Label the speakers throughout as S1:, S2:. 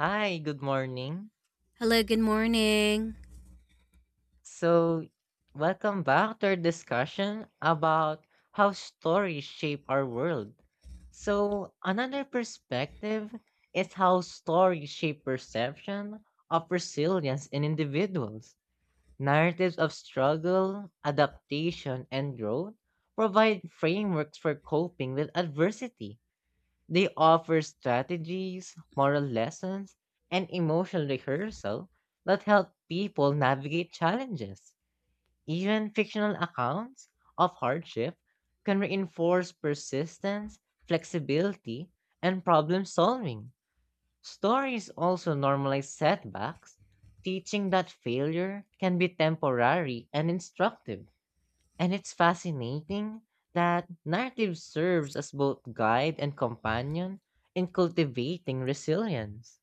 S1: Hi, good morning.
S2: Hello, good morning.
S1: So, welcome back to our discussion about how stories shape our world. So, another perspective is how stories shape perception of resilience in individuals. Narratives of struggle, adaptation, and growth provide frameworks for coping with adversity. They offer strategies, moral lessons, and emotional rehearsal that help people navigate challenges. Even fictional accounts of hardship can reinforce persistence, flexibility, and problem solving. Stories also normalize setbacks, teaching that failure can be temporary and instructive. And it's fascinating that narrative serves as both guide and companion in cultivating resilience.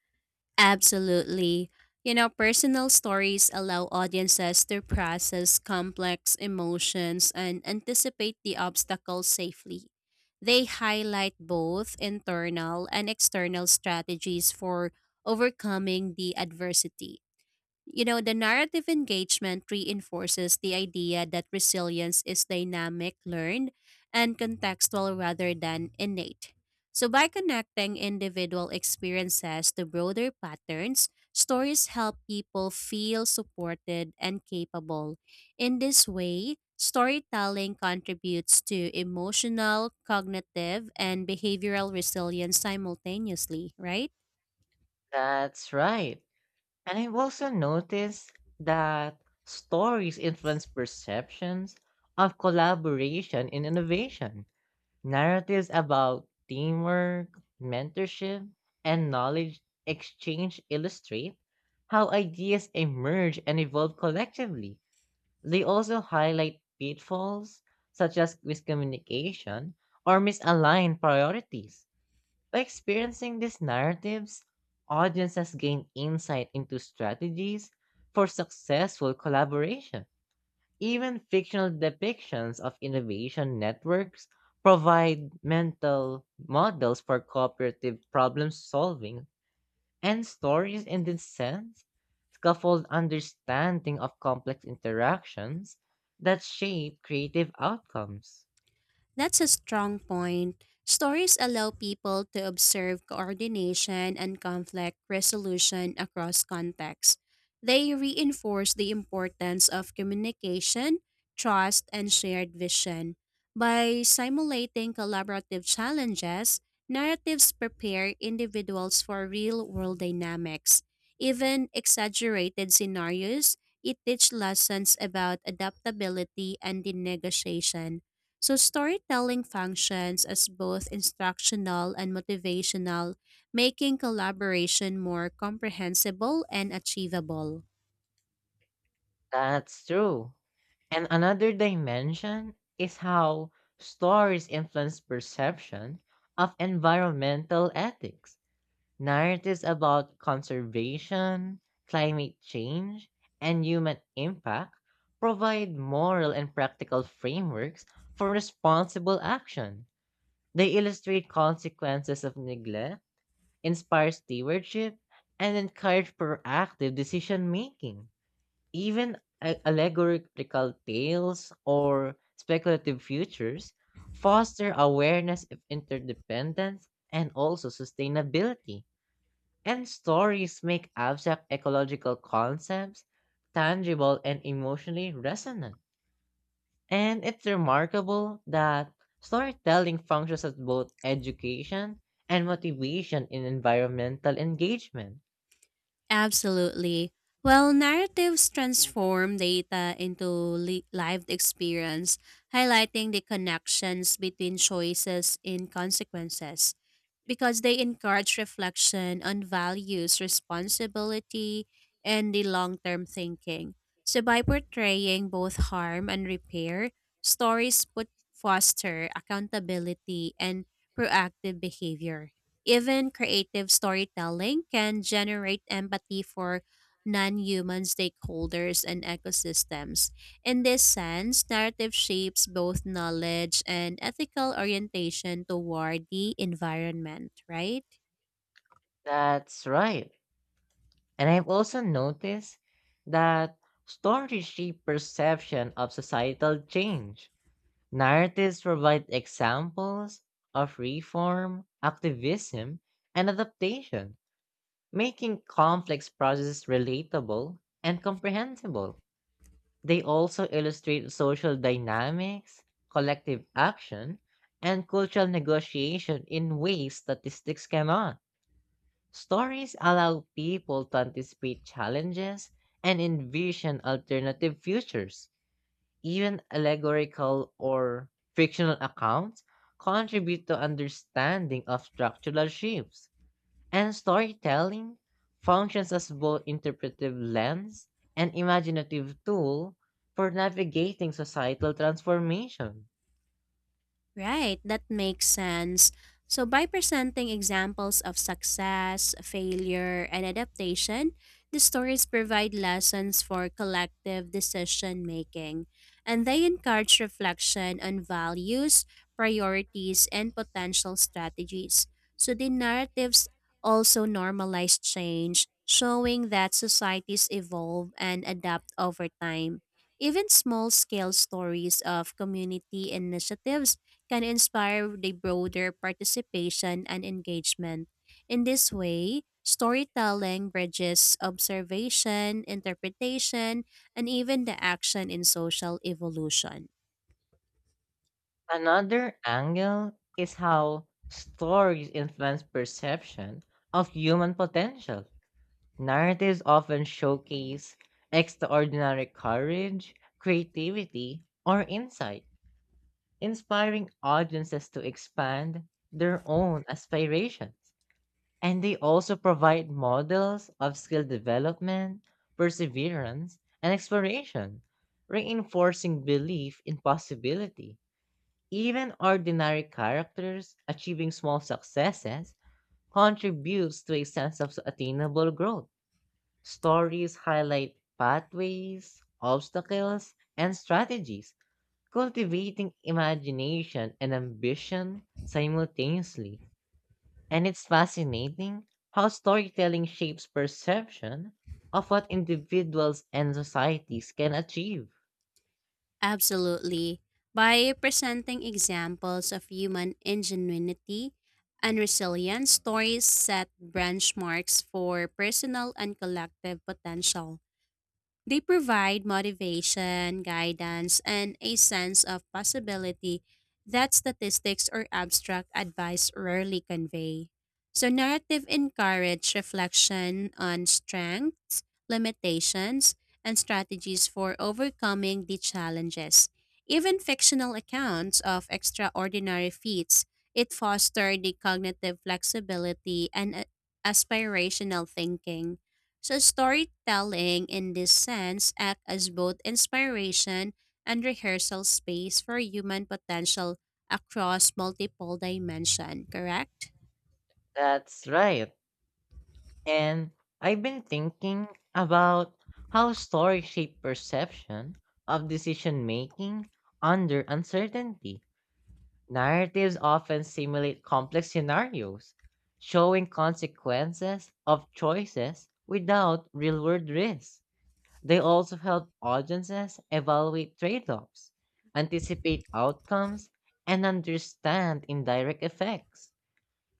S2: Absolutely. You know, personal stories allow audiences to process complex emotions and anticipate the obstacles safely. They highlight both internal and external strategies for overcoming the adversity. You know, the narrative engagement reinforces the idea that resilience is dynamic, learned, and contextual rather than innate. So, by connecting individual experiences to broader patterns, stories help people feel supported and capable. In this way, storytelling contributes to emotional, cognitive, and behavioral resilience simultaneously, right?
S1: That's right. And I've also noticed that stories influence perceptions of collaboration in innovation. Narratives about teamwork, mentorship, and knowledge exchange illustrate how ideas emerge and evolve collectively. They also highlight pitfalls such as miscommunication or misaligned priorities. By experiencing these narratives, audiences gain insight into strategies for successful collaboration. Even fictional depictions of innovation networks provide mental models for cooperative problem solving, and stories, in this sense, scaffold understanding of complex interactions that shape creative outcomes.
S2: That's a strong point. Stories allow people to observe coordination and conflict resolution across contexts. They reinforce the importance of communication, trust, and shared vision. By simulating collaborative challenges, narratives prepare individuals for real world dynamics. Even exaggerated scenarios, it teach lessons about adaptability and the negotiation. So, storytelling functions as both instructional and motivational, making collaboration more comprehensible and achievable.
S1: That's true. And another dimension is how stories influence perception of environmental ethics. Narratives about conservation, climate change, and human impact provide moral and practical frameworks for responsible action. They illustrate consequences of neglect, inspire stewardship, and encourage proactive decision making. Even allegorical tales or speculative futures foster awareness of interdependence and also sustainability. And stories make abstract ecological concepts tangible and emotionally resonant. And it's remarkable that storytelling functions as both education and motivation in environmental engagement.
S2: Absolutely. Well, narratives transform data into lived experience, highlighting the connections between choices and consequences. Because they encourage reflection on values, responsibility, and the long term thinking. So, by portraying both harm and repair, stories put foster accountability and proactive behavior. Even creative storytelling can generate empathy for non human stakeholders and ecosystems. In this sense, narrative shapes both knowledge and ethical orientation toward the environment, right?
S1: That's right. And I've also noticed that stories shape perception of societal change. Narratives provide examples of reform, activism, and adaptation, making complex processes relatable and comprehensible. They also illustrate social dynamics, collective action, and cultural negotiation in ways statistics cannot. Stories allow people to anticipate challenges and envision alternative futures. Even allegorical or fictional accounts contribute to understanding of structural shifts. And storytelling functions as both interpretive lens and imaginative tool for navigating societal transformation.
S2: Right, that makes sense. So, by presenting examples of success, failure, and adaptation, the stories provide lessons for collective decision making, and they encourage reflection on values, priorities, and potential strategies. So, the narratives also normalize change, showing that societies evolve and adapt over time. Even small scale stories of community initiatives can inspire the broader participation and engagement. In this way, storytelling bridges observation, interpretation, and even the action in social evolution.
S1: Another angle is how stories influence perception of human potential. Narratives often showcase extraordinary courage, creativity, or insight, inspiring audiences to expand their own aspirations. And they also provide models of skill development, perseverance, and exploration, reinforcing belief in possibility. Even ordinary characters achieving small successes contributes to a sense of attainable growth. Stories highlight pathways, obstacles, and strategies, cultivating imagination and ambition simultaneously. And it's fascinating how storytelling shapes perception of what individuals and societies can achieve.
S2: Absolutely. By presenting examples of human ingenuity and resilience, stories set benchmarks for personal and collective potential. They provide motivation, guidance, and a sense of possibility that statistics or abstract advice rarely convey. So, narrative encourage reflection on strengths, limitations, and strategies for overcoming the challenges. Even fictional accounts of extraordinary feats, it foster the cognitive flexibility and aspirational thinking. So storytelling in this sense act as both inspiration and rehearsal space for human potential across multiple dimension, correct?
S1: That's right. And I've been thinking about how stories shape perception of decision making under uncertainty. Narratives often simulate complex scenarios, showing consequences of choices without real world risks. They also help audiences evaluate trade offs, anticipate outcomes, and understand indirect effects.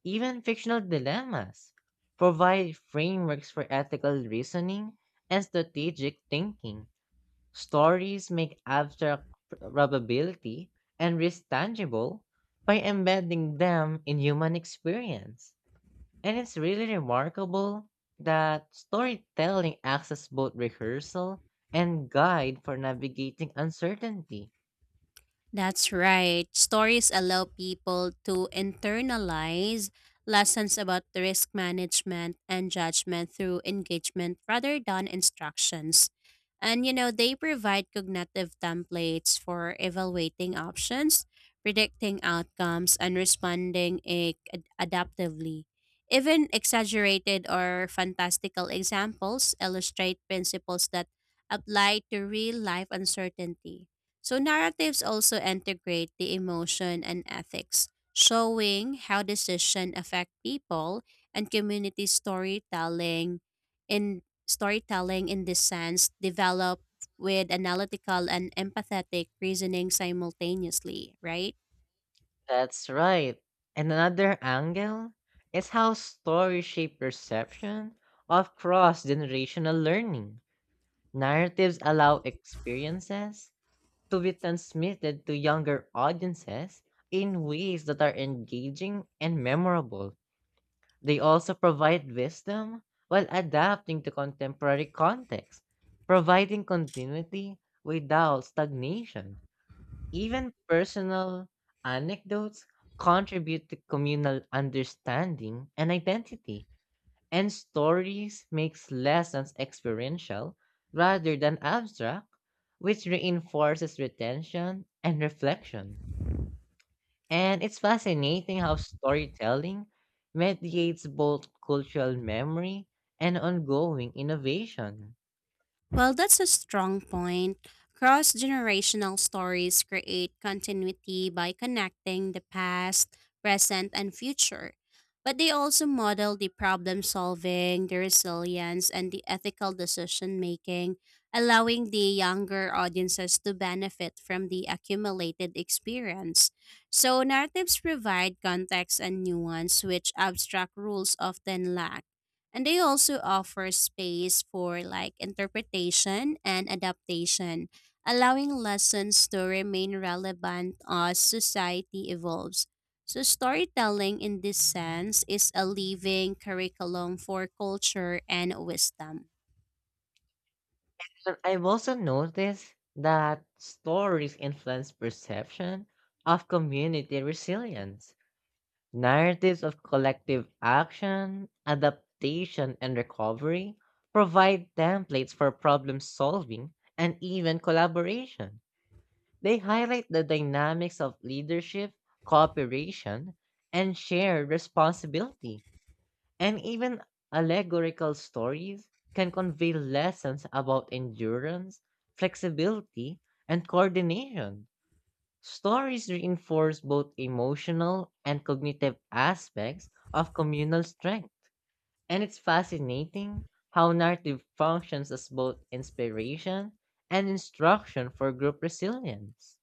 S1: Even fictional dilemmas provide frameworks for ethical reasoning and strategic thinking. Stories make abstract probability and risk tangible by embedding them in human experience. And it's really remarkable that storytelling acts as both rehearsal and guide for navigating uncertainty.
S2: That's right. Stories allow people to internalize lessons about the risk management and judgment through engagement rather than instructions. And you know, they provide cognitive templates for evaluating options, predicting outcomes, and responding adaptively. Even exaggerated or fantastical examples illustrate principles that apply to real life uncertainty. So narratives also integrate the emotion and ethics, showing how decision affect people and community storytelling in storytelling in this sense develop with analytical and empathetic reasoning simultaneously, right?
S1: That's right. And another angle is how stories shape perception of cross generational learning. Narratives allow experiences to be transmitted to younger audiences in ways that are engaging and memorable. They also provide wisdom while adapting to contemporary contexts, providing continuity without stagnation. Even personal anecdotes contribute to communal understanding and identity, and stories makes lessons experiential rather than abstract, which reinforces retention and reflection. And it's fascinating how storytelling mediates both cultural memory and ongoing innovation.
S2: Well, that's a strong point. Cross generational stories create continuity by connecting the past, present, and future. But they also model the problem solving, the resilience, and the ethical decision making, allowing the younger audiences to benefit from the accumulated experience. So, narratives provide context and nuance, which abstract rules often lack. And they also offer space for like interpretation and adaptation, allowing lessons to remain relevant as society evolves. So, storytelling in this sense is a living curriculum for culture and wisdom.
S1: And I've also noticed that stories influence perception of community resilience. Narratives of collective action, adaptation, and recovery provide templates for problem solving and even collaboration. They highlight the dynamics of leadership, cooperation, and shared responsibility. And even allegorical stories can convey lessons about endurance, flexibility, and coordination. Stories reinforce both emotional and cognitive aspects of communal strength. And it's fascinating how narrative functions as both inspiration and instruction for group resilience.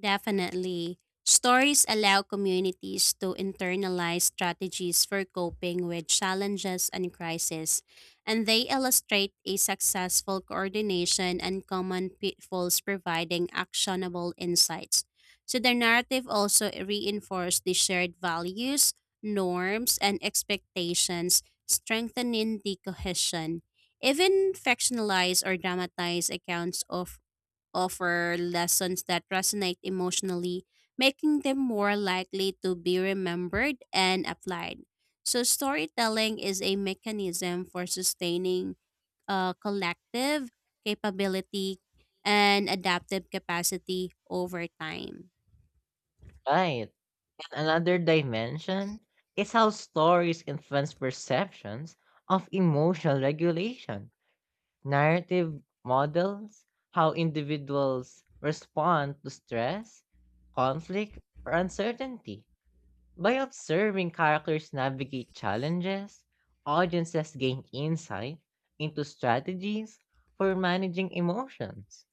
S2: Definitely. Stories allow communities to internalize strategies for coping with challenges and crisis, and they illustrate a successful coordination and common pitfalls, providing actionable insights. So, the narrative also reinforces the shared values, norms, and expectations, strengthening the cohesion. Even fictionalized or dramatized accounts of offer lessons that resonate emotionally, making them more likely to be remembered and applied. So, storytelling is a mechanism for sustaining collective capability and adaptive capacity over time.
S1: Right. Another dimension is how stories influence perceptions of emotional regulation. Narrative models how individuals respond to stress, conflict, or uncertainty. By observing characters navigate challenges, audiences gain insight into strategies for managing emotions.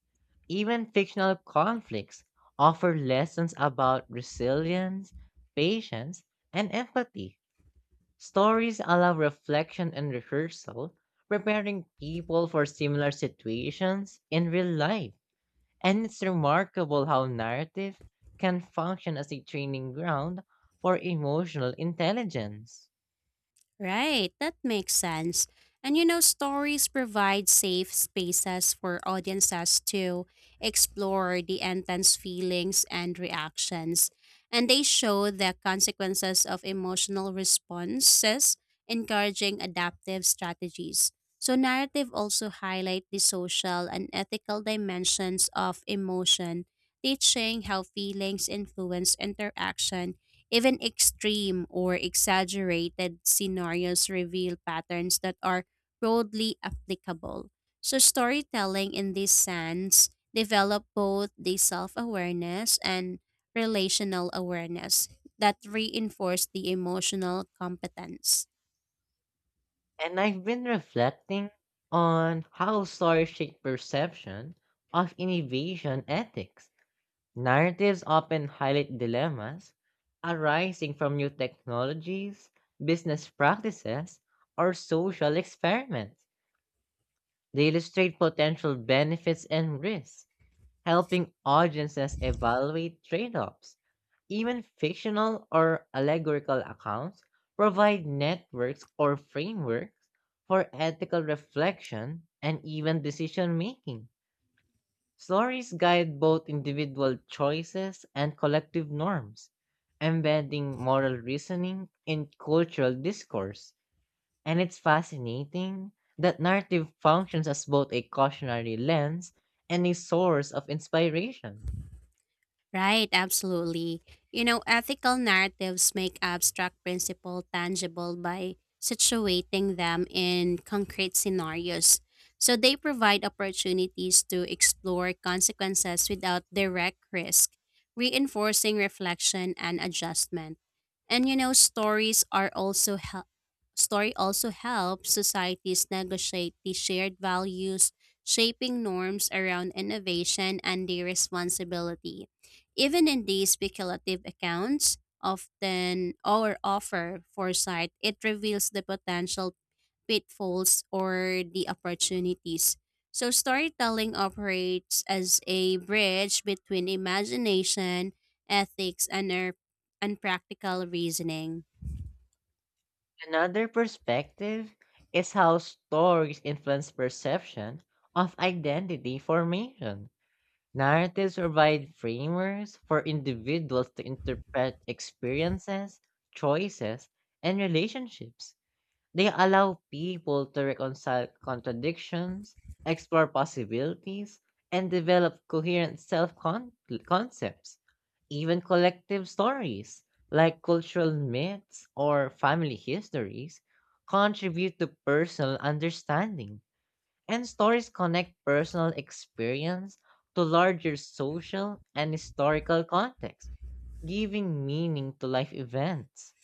S1: Even fictional conflicts offer lessons about resilience, patience, and empathy. Stories allow reflection and rehearsal, preparing people for similar situations in real life. And it's remarkable how narrative can function as a training ground for emotional intelligence.
S2: Right, that makes sense. And you know, stories provide safe spaces for audiences to explore the intense feelings and reactions. And they show the consequences of emotional responses, encouraging adaptive strategies. So, narrative also highlight the social and ethical dimensions of emotion, teaching how feelings influence interaction even extreme or exaggerated scenarios reveal patterns that are broadly applicable. So, storytelling in this sense develop both the self awareness and relational awareness that reinforce the emotional competence.
S1: And I've been reflecting on how stories shape perception of innovation ethics. Narratives often highlight dilemmas arising from new technologies, business practices, or social experiments. They illustrate potential benefits and risks, helping audiences evaluate trade offs. Even fictional or allegorical accounts provide networks or frameworks for ethical reflection and even decision making. Stories guide both individual choices and collective norms, embedding moral reasoning in cultural discourse. And it's fascinating that narrative functions as both a cautionary lens and a source of inspiration.
S2: Right, absolutely. You know, ethical narratives make abstract principle tangible by situating them in concrete scenarios. So they provide opportunities to explore consequences without direct risk, reinforcing reflection and adjustment. And you know, stories are also help story also helps societies negotiate the shared values, shaping norms around innovation and the responsibility. Even in these speculative accounts, often or offer foresight, it reveals the potential pitfalls or the opportunities. So storytelling operates as a bridge between imagination, ethics, and practical reasoning.
S1: Another perspective is how stories influence perception of identity formation. Narratives provide frameworks for individuals to interpret experiences, choices, and relationships. They allow people to reconcile contradictions, explore possibilities, and develop coherent self concepts. Even collective stories, like cultural myths or family histories, contribute to personal understanding, and stories connect personal experience to larger social and historical context, giving meaning to life events.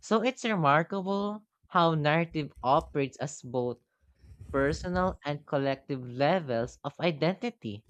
S1: So it's remarkable how narrative operates as both personal and collective levels of identity.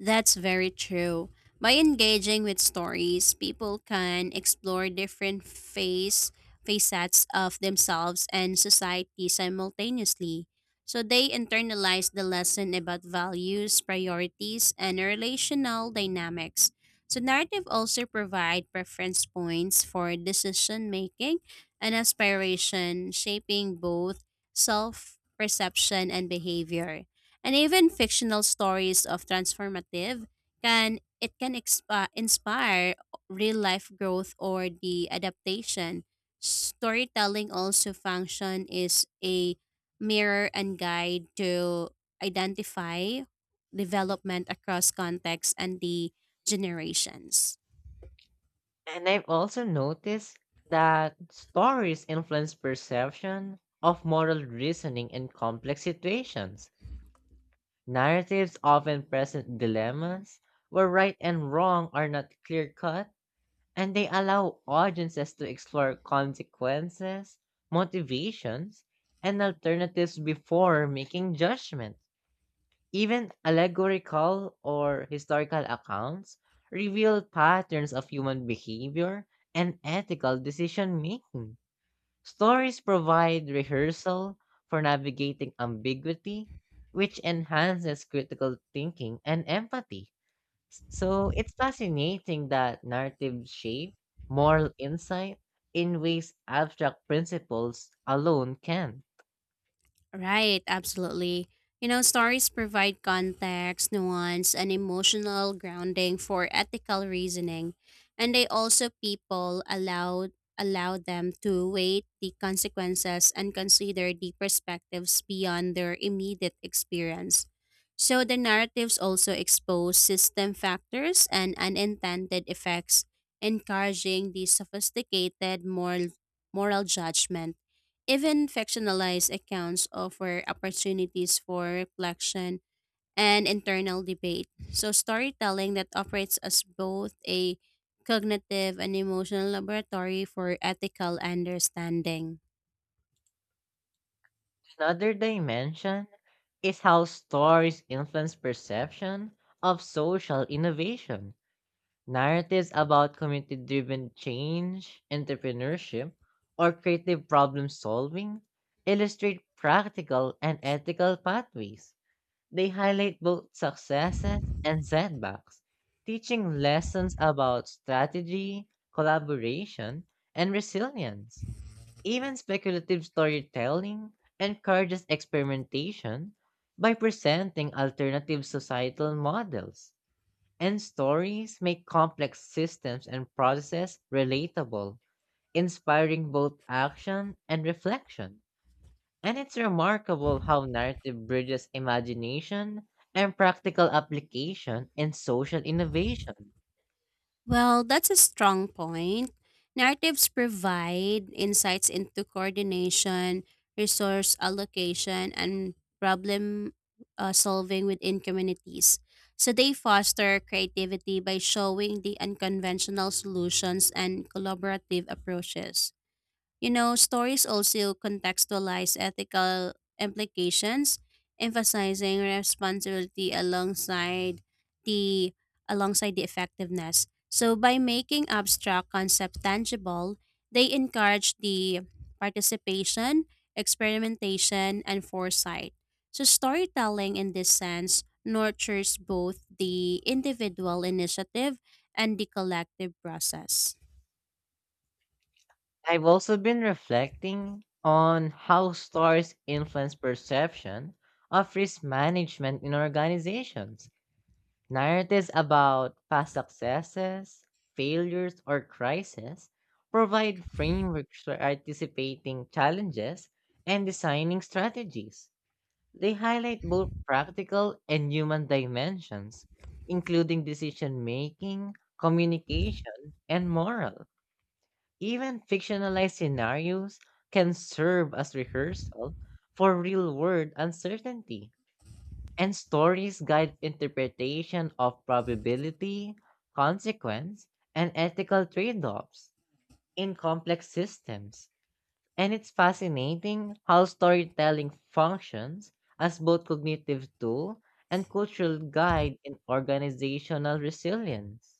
S2: That's very true. By engaging with stories, people can explore different facets of themselves and society simultaneously. So they internalize the lesson about values, priorities, and relational dynamics. So narrative also provide preference points for decision making and aspiration, shaping both self perception and behavior and even fictional stories of transformative can it can inspire real life growth or the adaptation storytelling also function is a mirror and guide to identify development across contexts and the generations.
S1: And I've also noticed that stories influence perception of moral reasoning in complex situations. Narratives often present dilemmas where right and wrong are not clear cut, and they allow audiences to explore consequences, motivations, and alternatives before making judgments. Even allegorical or historical accounts reveal patterns of human behavior and ethical decision making. Stories provide rehearsal for navigating ambiguity, which enhances critical thinking and empathy. So it's fascinating that narratives shape moral insight in ways abstract principles alone can.
S2: Right, absolutely. You know, stories provide context, nuance, and emotional grounding for ethical reasoning, and they also people allow allow them to weigh the consequences and consider the perspectives beyond their immediate experience. So the narratives also expose system factors and unintended effects, encouraging the sophisticated moral judgment. Even fictionalized accounts offer opportunities for reflection and internal debate. So, storytelling that operates as both a cognitive and emotional laboratory for ethical understanding.
S1: Another dimension is how stories influence perception of social innovation. Narratives about community driven change, entrepreneurship, or creative problem solving illustrate practical and ethical pathways. They highlight both successes and setbacks, teaching lessons about strategy, collaboration, and resilience. Even speculative storytelling encourages experimentation by presenting alternative societal models. And stories make complex systems and processes relatable, inspiring both action and reflection. And it's remarkable how narrative bridges imagination and practical application in social innovation.
S2: Well, that's a strong point. Narratives provide insights into coordination, resource allocation, and problem solving within communities. So they foster creativity by showing the unconventional solutions and collaborative approaches. You know, stories also contextualize ethical implications, emphasizing responsibility the alongside the effectiveness. So by making abstract concepts tangible, they encourage the participation, experimentation, and foresight. So storytelling in this sense nurtures both the individual initiative and the collective process.
S1: I've also been reflecting on how stories influence perception of risk management in organizations. Narratives about past successes, failures, or crises provide frameworks for anticipating challenges and designing strategies. They highlight both practical and human dimensions, including decision making, communication, and moral. Even fictionalized scenarios can serve as rehearsal for real world uncertainty. And stories guide interpretation of probability, consequence, and ethical trade offs in complex systems. And it's fascinating how storytelling functions as both cognitive tool and cultural guide in organizational resilience.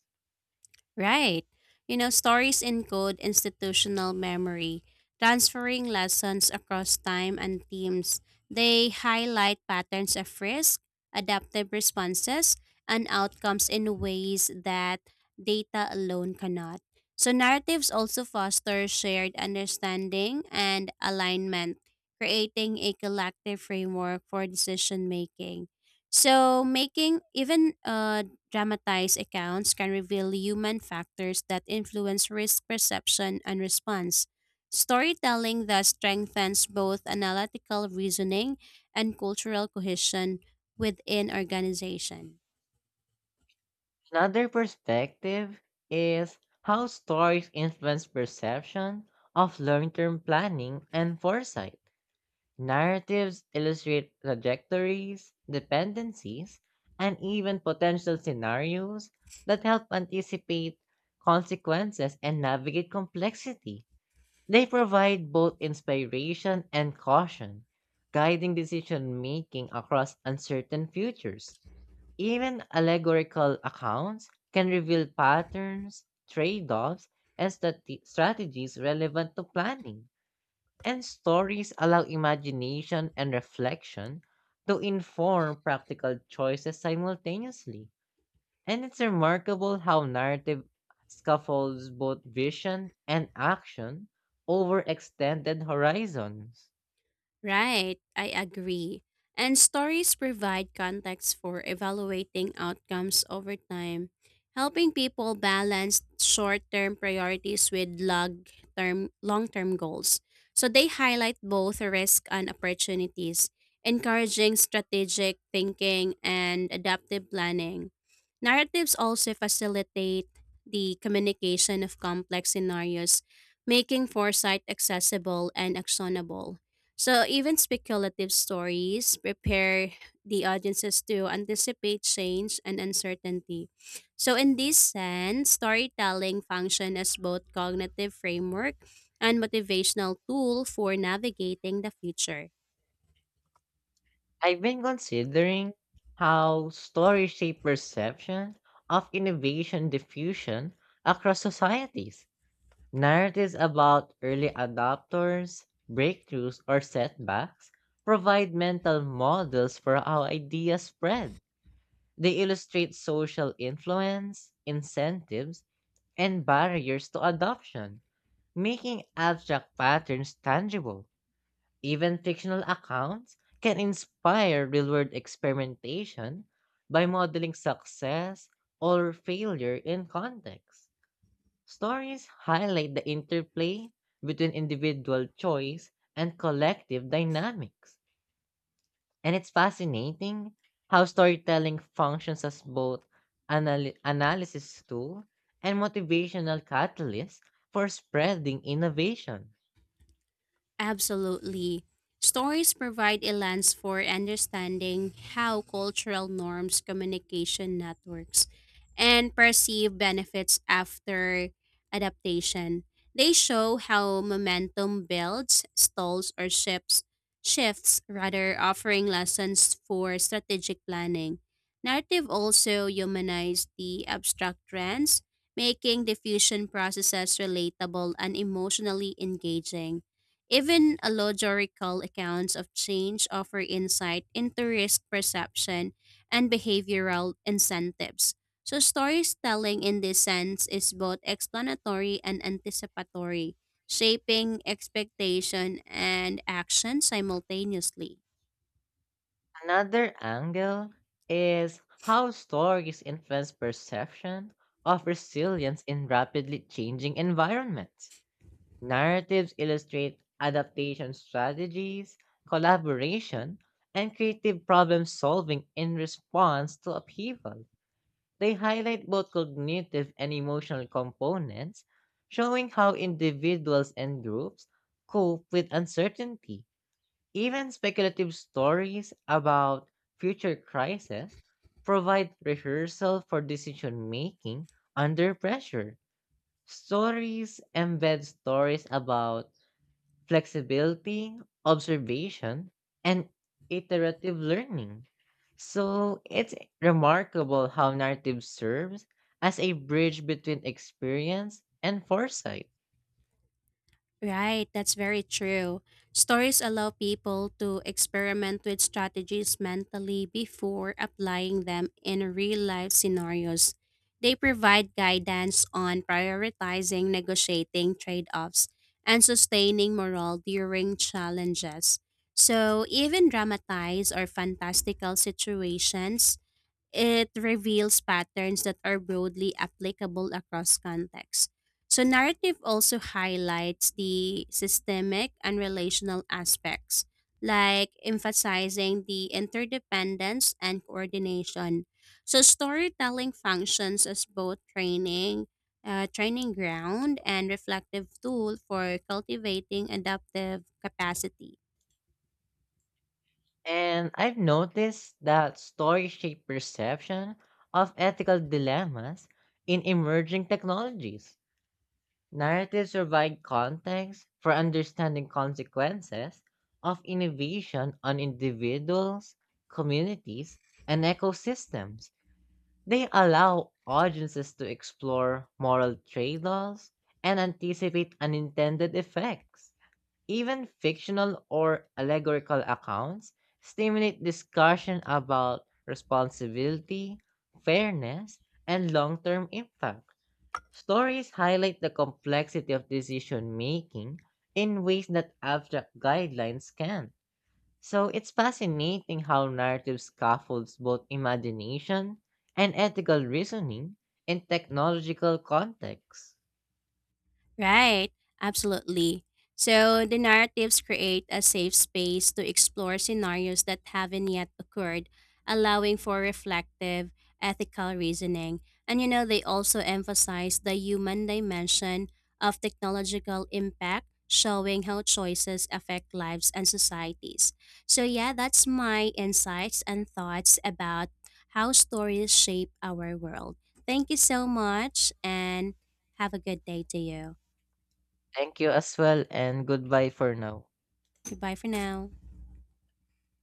S2: Right. You know, stories encode institutional memory, transferring lessons across time and teams. They highlight patterns of risk, adaptive responses, and outcomes in ways that data alone cannot. So, narratives also foster shared understanding and alignment, creating a collective framework for decision making. So, making even dramatized accounts can reveal human factors that influence risk perception and response. Storytelling thus strengthens both analytical reasoning and cultural cohesion within organization.
S1: Another perspective is how stories influence perception of long term planning and foresight. Narratives illustrate trajectories, dependencies, and even potential scenarios that help anticipate consequences and navigate complexity. They provide both inspiration and caution, guiding decision making across uncertain futures. Even allegorical accounts can reveal patterns, trade offs, and strategies relevant to planning, and stories allow imagination and reflection to inform practical choices simultaneously. And it's remarkable how narrative scaffolds both vision and action over extended horizons.
S2: Right, I agree. And stories provide context for evaluating outcomes over time, helping people balance short-term priorities with long-term goals. So they highlight both risk and opportunities, encouraging strategic thinking and adaptive planning. Narratives also facilitate the communication of complex scenarios, making foresight accessible and actionable. So even speculative stories prepare the audiences to anticipate change and uncertainty. So in this sense, storytelling function as both cognitive framework and motivational tool for navigating the future.
S1: I've been considering how stories shape perception of innovation diffusion across societies. Narratives about early adopters, breakthroughs, or setbacks provide mental models for how ideas spread. They illustrate social influence, incentives, and barriers to adoption, making abstract patterns tangible. Even fictional accounts can inspire real world experimentation by modeling success or failure in context. Stories highlight the interplay between individual choice and collective dynamics. And it's fascinating how storytelling functions as both analysis tool and motivational catalyst for spreading innovation.
S2: Absolutely. Stories provide a lens for understanding how cultural norms, communication networks, and perceived benefits after adaptation. They show how momentum builds, stalls, or shifts rather offering lessons for strategic planning. Narrative also humanize the abstract trends, making diffusion processes relatable and emotionally engaging. Even allegorical accounts of change offer insight into risk perception and behavioral incentives. So, storytelling in this sense is both explanatory and anticipatory, shaping expectation and action simultaneously.
S1: Another angle is how stories influence perception of resilience in rapidly changing environments. Narratives illustrate adaptation strategies, collaboration, and creative problem solving in response to upheaval. They highlight both cognitive and emotional components, showing how individuals and groups cope with uncertainty. Even speculative stories about future crises provide rehearsal for decision making under pressure. Stories embed stories about flexibility, observation, and iterative learning. So it's remarkable how narrative serves as a bridge between experience and foresight.
S2: Right, that's very true. Stories allow people to experiment with strategies mentally before applying them in real life scenarios. They provide guidance on prioritizing, negotiating trade offs, and sustaining morale during challenges. So, even dramatized or fantastical situations it reveals patterns that are broadly applicable across contexts. So, narrative also highlights the systemic and relational aspects, like emphasizing the interdependence and coordination. So, storytelling functions as both training ground, and reflective tool for cultivating adaptive capacity.
S1: And I've noticed that stories shape perception of ethical dilemmas in emerging technologies. Narratives provide context for understanding consequences of innovation on individuals, communities, and ecosystems. They allow audiences to explore moral trade offs and anticipate unintended effects. Even fictional or allegorical accounts stimulate discussion about responsibility, fairness, and long term impact. Stories highlight the complexity of decision making in ways that abstract guidelines can. So it's fascinating how narrative scaffolds both imagination and ethical reasoning in technological contexts.
S2: Right, absolutely. So the narratives create a safe space to explore scenarios that haven't yet occurred, allowing for reflective, ethical reasoning. And you know, they also emphasize the human dimension of technological impact, showing how choices affect lives and societies. So, yeah, that's my insights and thoughts about how stories shape our world. Thank you so much and have a good day to you.
S1: Thank you as well, and goodbye for now.
S2: Goodbye for now.